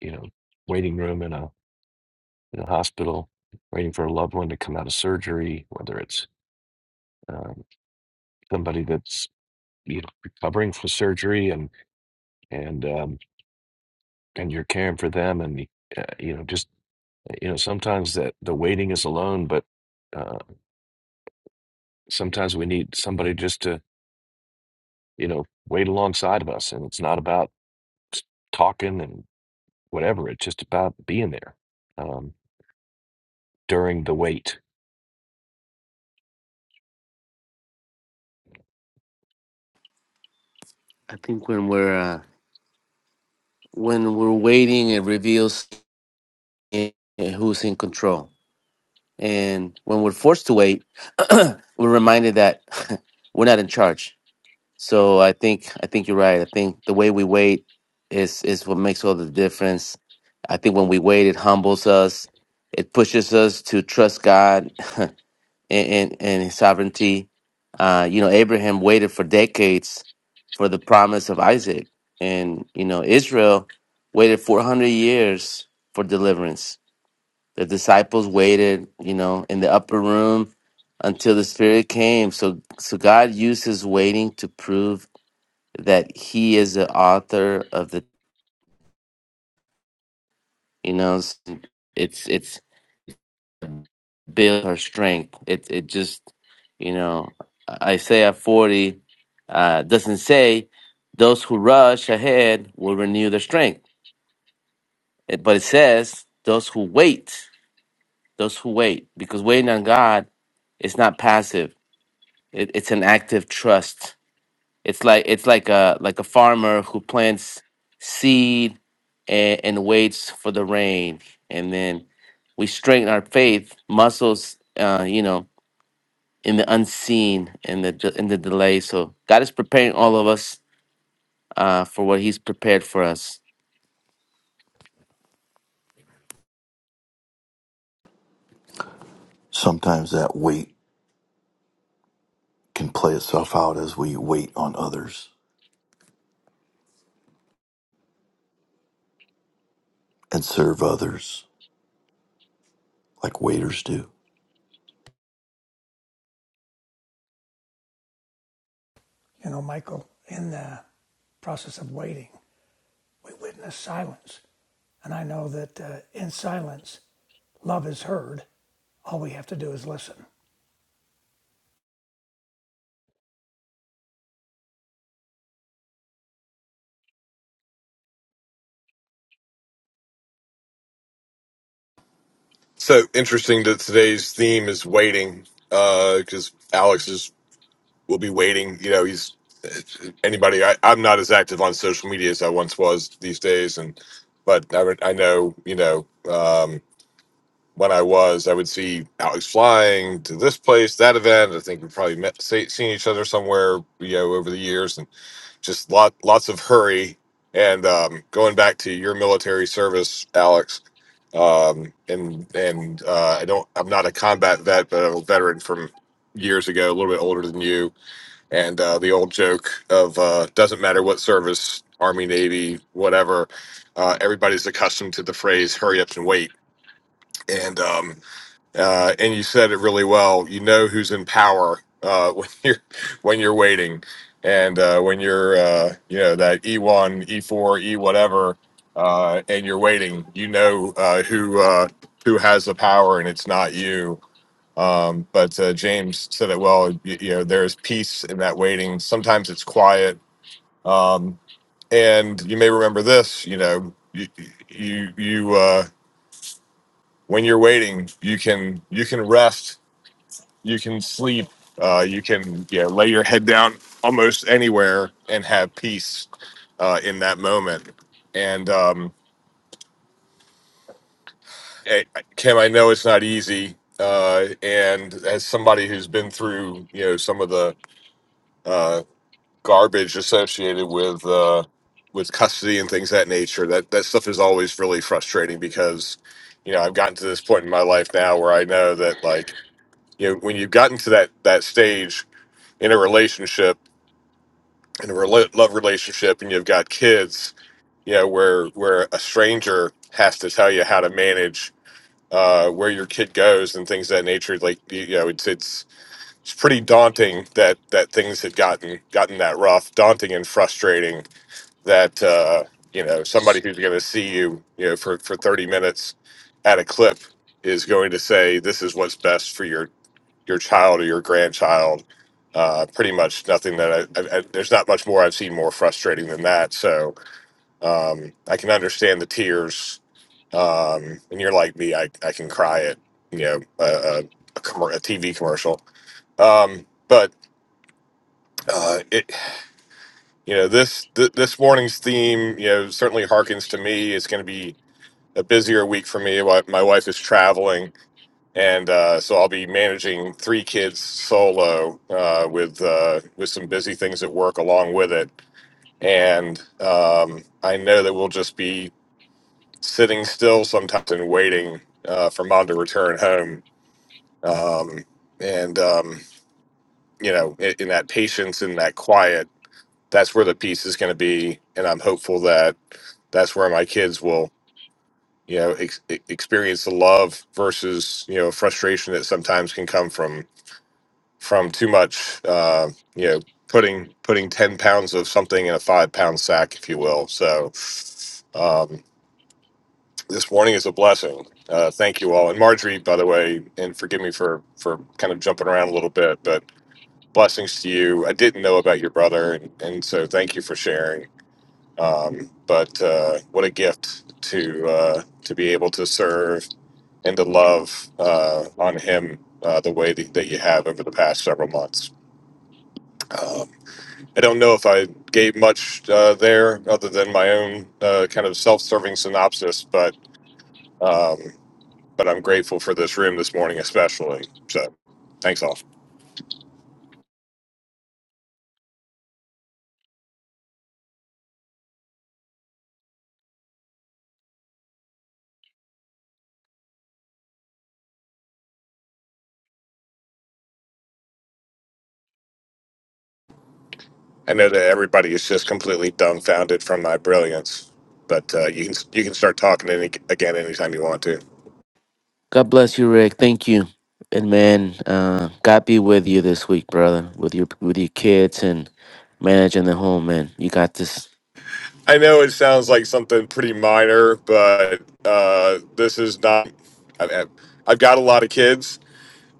S1: you know waiting room in a in a hospital, waiting for a loved one to come out of surgery, whether it's um, somebody that's you know recovering from surgery and and um, and you're caring for them, and uh, you know just you know sometimes that the waiting is alone, but uh, sometimes we need somebody just to you know wait alongside of us, and it's not about talking and whatever; it's just about being there um, during the wait.
S5: I think when we're uh, when we're waiting, it reveals who's in control. And when we're forced to wait, we're reminded that we're not in charge. So I think I think you're right. I think the way we wait is is what makes all the difference. I think when we wait, it humbles us. It pushes us to trust God. and, and, and his sovereignty. Uh, you know, Abraham waited for decades for the promise of Isaac, and you know, Israel waited 400 years for deliverance. The disciples waited, you know, in the upper room until the Spirit came. So, so God used His waiting to prove that He is the author of the, you know, it's it's build her strength. It it just you know Isaiah forty uh, doesn't say those who rush ahead will renew their strength, It- but it says those who wait, those who wait, because waiting on God is not passive. It, it's an active trust. It's like it's like a like a farmer who plants seed and, and waits for the rain, and then we strengthen our faith muscles. Uh, you know, in the unseen and the de- in the delay. So God is preparing all of us uh, for what He's prepared for us.
S7: Sometimes that wait can play itself out as we wait on others and serve others like waiters do.
S4: You know, Michael, in the process of waiting, we witnessed silence And I know that uh, in silence, love is heard. All we have to do is listen.
S8: So interesting that today's theme is waiting, because Alex is will be waiting. You know, he's anybody. I, I'm not as active on social media as I once was these days, and but I, would- I know you know um, when I was, I would see Alex flying to this place, that event. I think we probably met, say, seen each other somewhere, you know, over the years, just lot lots of hurry. And um, going back to your military service, Alex, um, and and uh, I don't, I'm not a combat vet, but I'm a veteran from years ago, a little bit older than you. And uh, the old joke of uh, doesn't matter what service, Army, Navy, whatever, uh, everybody's accustomed to the phrase "hurry up and wait." And um, uh, and you said it really well. You know who's in power uh, when you're when you're waiting, and uh, when you're uh, you know that E one, E four, E whatever, uh, and you're waiting. You know uh, who uh, who has the power, and it's not you. Um, but uh, James said it well. You, you know there's peace in that waiting. Sometimes it's quiet, um, and you may remember this. You know you you you. Uh, when you're waiting you can you can rest you can sleep. Uh, you can yeah lay your head down almost anywhere and have peace uh, in that moment. And um, eh, Kim, I know it's not easy. Uh, and as somebody who's been through you know some of the uh, garbage associated with uh, with custody and things of that nature, that that stuff is always really frustrating because you know I've gotten to this point in my life now where I know that like you know when you've gotten to that that stage in a relationship in a rela- love relationship and you've got kids, you know, where where a stranger has to tell you how to manage uh, where your kid goes and things of that nature. Like you you know, it's it's it's pretty daunting that that things had gotten gotten that rough, daunting and frustrating. That uh, you know somebody who's going to see you, you know, for for thirty minutes at a clip is going to say this is what's best for your your child or your grandchild. Uh, pretty much nothing that I, I, I, there's not much more I've seen more frustrating than that. So um, I can understand the tears. Um, and you're like me, I, I can cry at you know a, a, a, commer a TV commercial. Um, but uh, it you know this th- this morning's theme you know certainly harkens to me. It's going to be a busier week for me. Wi- My wife is traveling and uh, so I'll be managing three kids solo uh, with uh, with some busy things at work along with it. And um, I know that we'll just be sitting still sometimes and waiting uh, for mom to return home. Um, and um, you know, in, in that patience and that quiet, that's where the peace is going to be. And I'm hopeful that that's where my kids will you know ex- e, experience the love versus you know frustration that sometimes can come from from too much, uh, you know, putting putting ten pounds of something in a five pound sack, if you will. So um, this warning is a blessing. Uh, thank you all, and Marjorie, by the way, and forgive me for for kind of jumping around a little bit, but blessings to you. I didn't know about your brother, and, and so thank you for sharing. Um, but uh, what a gift to uh, to be able to serve and to love uh, on him uh, the way that, that you have over the past several months. Um, I don't know if I gave much uh, there other than my own uh, kind of self-serving synopsis, but um, but I'm grateful for this room this morning, especially. So, thanks all. I know that everybody is just completely dumbfounded from my brilliance, but uh, you can you can start talking any, again anytime you want to.
S5: God bless you, Rick. Thank you, and man, uh, God be with you this week, brother, with your with your kids and managing the home. Man, you got this.
S8: I know it sounds like something pretty minor, but uh, this is not. I- I- I've got a lot of kids,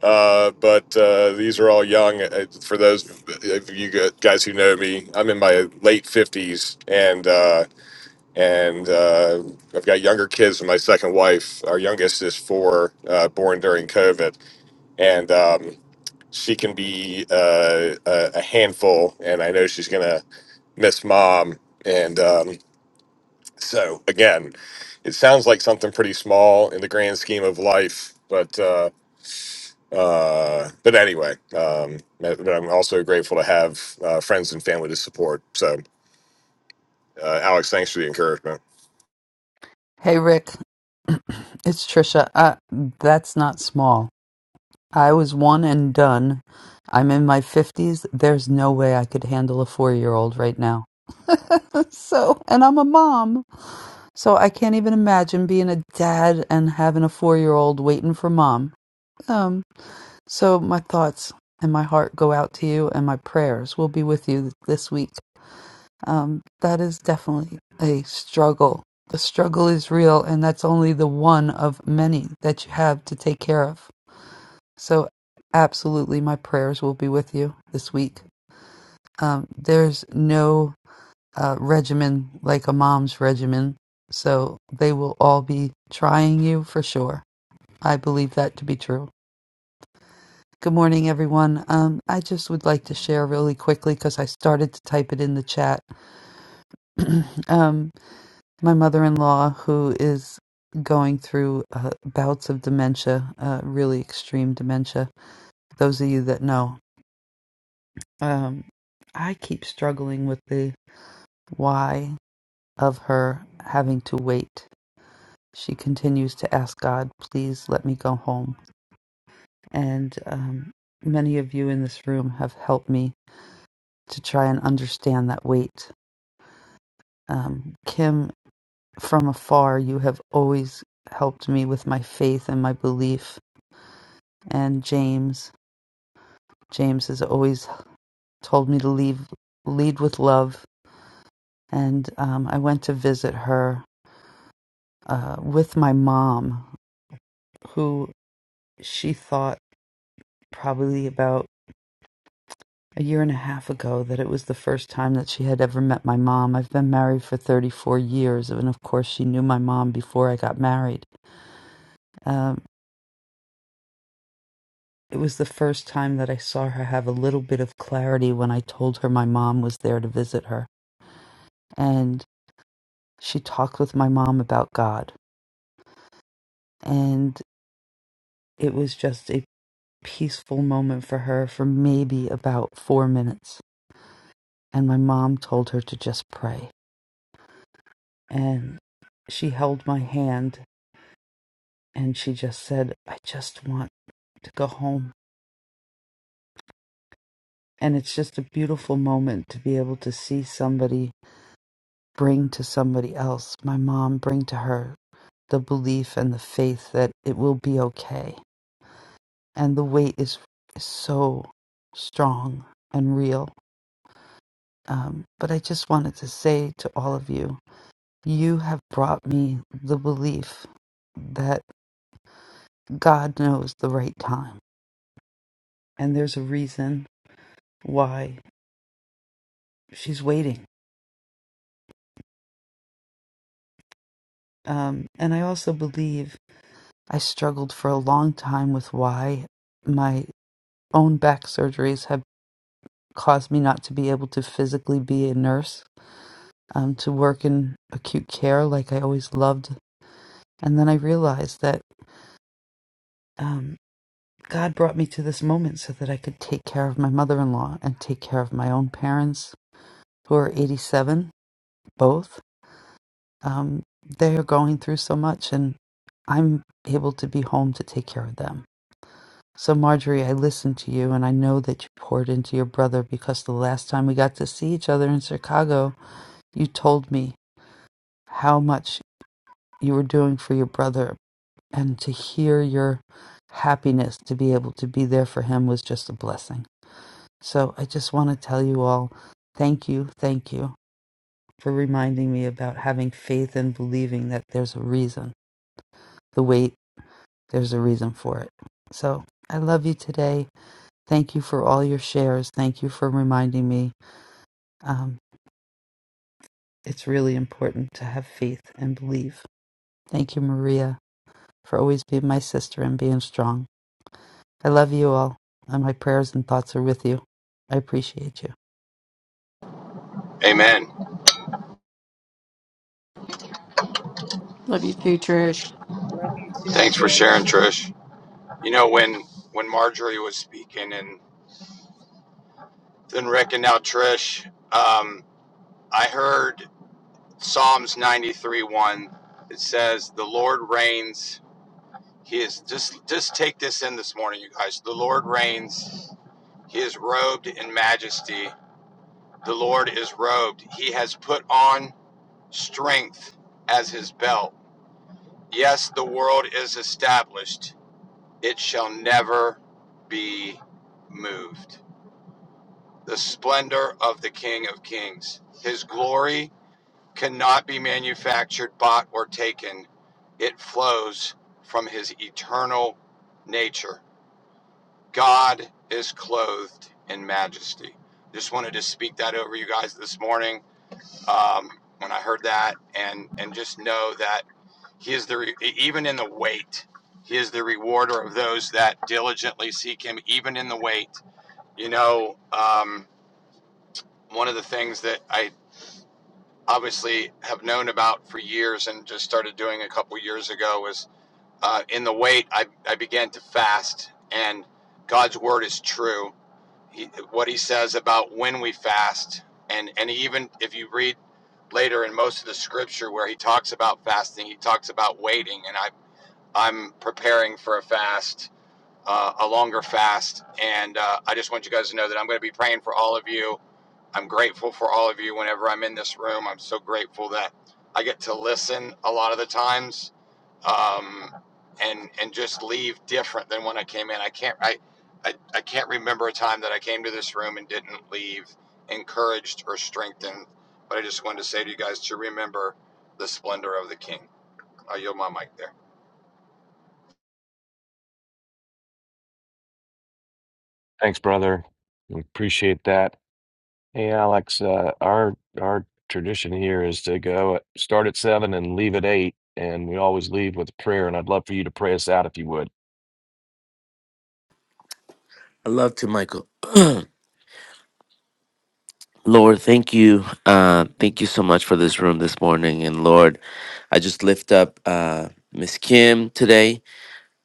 S8: Uh, but uh, these are all young. Uh, For those of you guys who know me, I'm in my late 50s, and uh, and uh, I've got younger kids than my second wife. Our youngest is four, uh, born during COVID, and um, she can be uh, a, a handful. And I know she's gonna miss mom. And um, so again, it sounds like something pretty small in the grand scheme of life, but. Uh, uh, but anyway, um, but I'm also grateful to have uh, friends and family to support. So, uh, Alex, thanks for the encouragement.
S9: Hey Rick, it's Trisha. Uh, that's not small. I was one and done. I'm in my 50s. There's no way I could handle a four year old right now. so, and I'm a mom. So I can't even imagine being a dad and having a four year old waiting for mom. Um, so my thoughts and my heart go out to you, and my prayers will be with you this week. um, that is definitely a struggle. The struggle is real, and that's only the one of many that you have to take care of. So, absolutely, my prayers will be with you this week. Um, there's no uh, regimen like a mom's regimen, so they will all be trying you for sure. I believe that to be true. Good morning, everyone. Um, I just would like to share really quickly because I started to type it in the chat. um, my mother-in-law who is going through uh, bouts of dementia uh, really extreme dementia those of you that know um, i keep struggling with the why of her having to wait she continues to ask god please let me go home and um, many of you in this room have helped me to try and understand that wait um, kim from afar you have always helped me with my faith and my belief and James. James has always told me to leave, lead with love. And um, I went to visit her uh, with my mom, who she thought probably about a year and a half ago that it was the first time that she had ever met my mom. I've been married for 34 years, and of course, she knew my mom before I got married. Um, it was the first time that I saw her have a little bit of clarity when I told her my mom was there to visit her. and. she talked with my mom about God. And it was just a peaceful moment for her for maybe about four minutes. And my mom told her to just pray. And she held my hand and she just said, I just want to go home. And it's just a beautiful moment to be able to see somebody bring to somebody else, my mom bring to her the belief and the faith that it will be okay and the weight is is so strong and real. Um, but I just wanted to say to all of you, you have brought me the belief that God knows the right time, and there's a reason why she's waiting. Um, and I also believe I struggled for a long time with why my own back surgeries have caused me not to be able to physically be a nurse, um, to work in acute care like I always loved And then I realized that um, God brought me to this moment so that I could take care of my mother in law and take care of my own parents, who are 87, both. Um, they are going through so much, and I'm able to be home to take care of them. So, Marjorie, I listened to you, and I know that you poured into your brother because the last time we got to see each other in Chicago, you told me how much you were doing for your brother and to hear your happiness to be able to be there for him was just a blessing. So I just want to tell you all thank you, thank you for reminding me about having faith and believing that there's a reason. The wait, there's a reason for it. So I love you today. Thank you for all your shares. Thank you for reminding me. Um, it's really important to have faith and believe. Thank you, Maria, for always being my sister and being strong. I love you all, and my prayers and thoughts are with you. I appreciate you.
S10: Amen.
S3: Love you too, Trish.
S6: Love you too,
S10: Thanks for sharing,
S6: Trish.
S10: Trish. You know, when when Marjorie was speaking and then Rick and now Trish, um, I heard Psalms 93 1. It says, The Lord reigns. He is just just take this in this morning, you guys. The Lord reigns. He is robed in majesty. The Lord is robed. He has put on strength as his belt. Yes, the world is established. it shall never be moved. The splendor of the King of Kings. His glory cannot be manufactured, bought, or taken. It flows from his eternal nature. God is clothed in majesty. Just wanted to speak that over you guys this morning um, when I heard that, and and just know that. He is the re- e- even in the wait. He is the rewarder of those that diligently seek him, even in the wait. You know, um, one of the things that I obviously have known about for years and just started doing a couple years ago was uh, in the wait. I I began to fast, and God's word is true. He, what He says about when we fast, and and even if you read later in most of the scripture where He talks about fasting, He talks about waiting, and I. I'm preparing for a fast, uh, a longer fast, and uh, I just want you guys to know that I'm going to be praying for all of you. I'm grateful for all of you whenever I'm in this room. I'm so grateful that I get to listen a lot of the times, um, and and just leave different than when I came in. I can't I, I I can't remember a time that I came to this room and didn't leave encouraged or strengthened. But I just wanted to say to you guys to remember the splendor of the King. I yield my mic there.
S1: Thanks, brother. We Appreciate that. Hey, Alex, uh, our our tradition here is to go at, start at seven and leave at eight, and we always leave with a prayer. And I'd love for you to pray us out if you would.
S5: I love to Michael. Lord, thank you. Uh, thank you so much for this room this morning. And Lord, I just lift up uh, Miss Kim today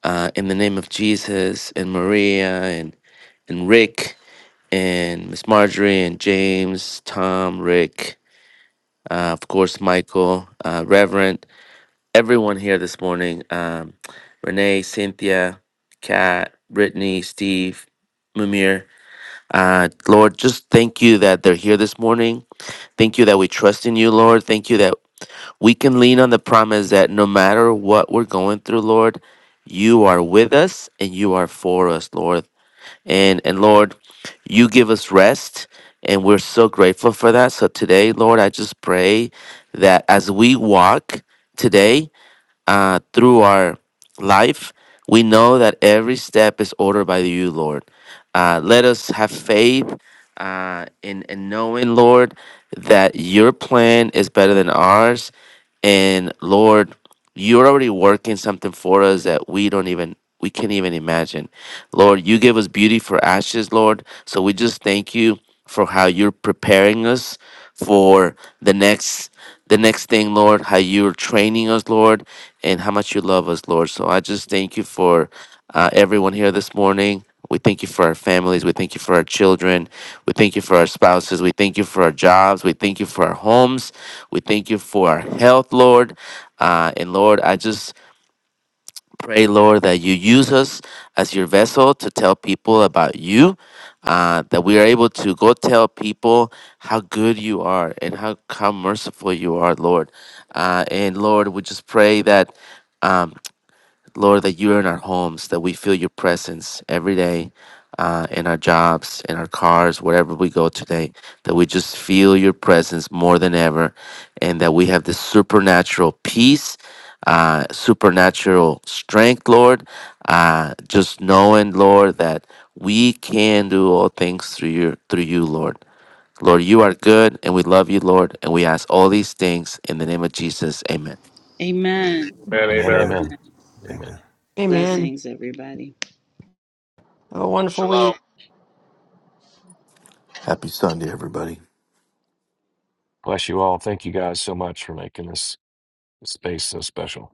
S5: uh, in the name of Jesus and Maria and, and Rick. and Miss Marjorie and James, Tom, Rick, uh, of course, Michael, uh, Reverend, everyone here this morning um, Renee, Cynthia, Kat, Brittany, Steve, Mumir. Uh, Lord, just thank you that they're here this morning. Thank you that we trust in you, Lord. Thank you that we can lean on the promise that no matter what we're going through, Lord, you are with us and you are for us, Lord. And and Lord, you give us rest and we're so grateful for that. So today, Lord, I just pray that as we walk today uh, through our life, we know that every step is ordered by you, Lord. Uh, let us have faith uh, in, in knowing, Lord, that your plan is better than ours and Lord, you're already working something for us that we don't even we can't even imagine. Lord, you give us beauty for ashes, Lord. So we just thank you for how you're preparing us for the next the next thing, Lord, how you're training us, Lord, and how much you love us, Lord. So I just thank you for uh, everyone here this morning. We thank you for our families. We thank you for our children. We thank you for our spouses. We thank you for our jobs. We thank you for our homes. We thank you for our health, Lord. Uh, and Lord, I just pray, Lord, that you use us as your vessel to tell people about you, uh, that we are able to go tell people how good you are and how, how merciful you are, Lord. Uh, and Lord, we just pray that. um, Lord, that you're in our homes, that we feel your presence every day uh, in our jobs, in our cars, wherever we go today, that we just feel your presence more than ever, and that we have this supernatural peace, uh, supernatural strength, Lord. Uh, just knowing, Lord, that we can do all things through your through you, Lord. Lord, you are good, and we love you, Lord, and we ask all these things in the name of Jesus. Amen.
S6: Amen.
S8: Man,
S1: Amen.
S8: amen.
S4: Amen.
S1: Amen. Amen.
S4: Amen.
S3: Amen.
S6: Blessings, everybody.
S3: Have a wonderful week.
S10: Shalom.
S7: Happy Sunday, everybody.
S1: Bless you all. Thank you guys so much for making this space so special.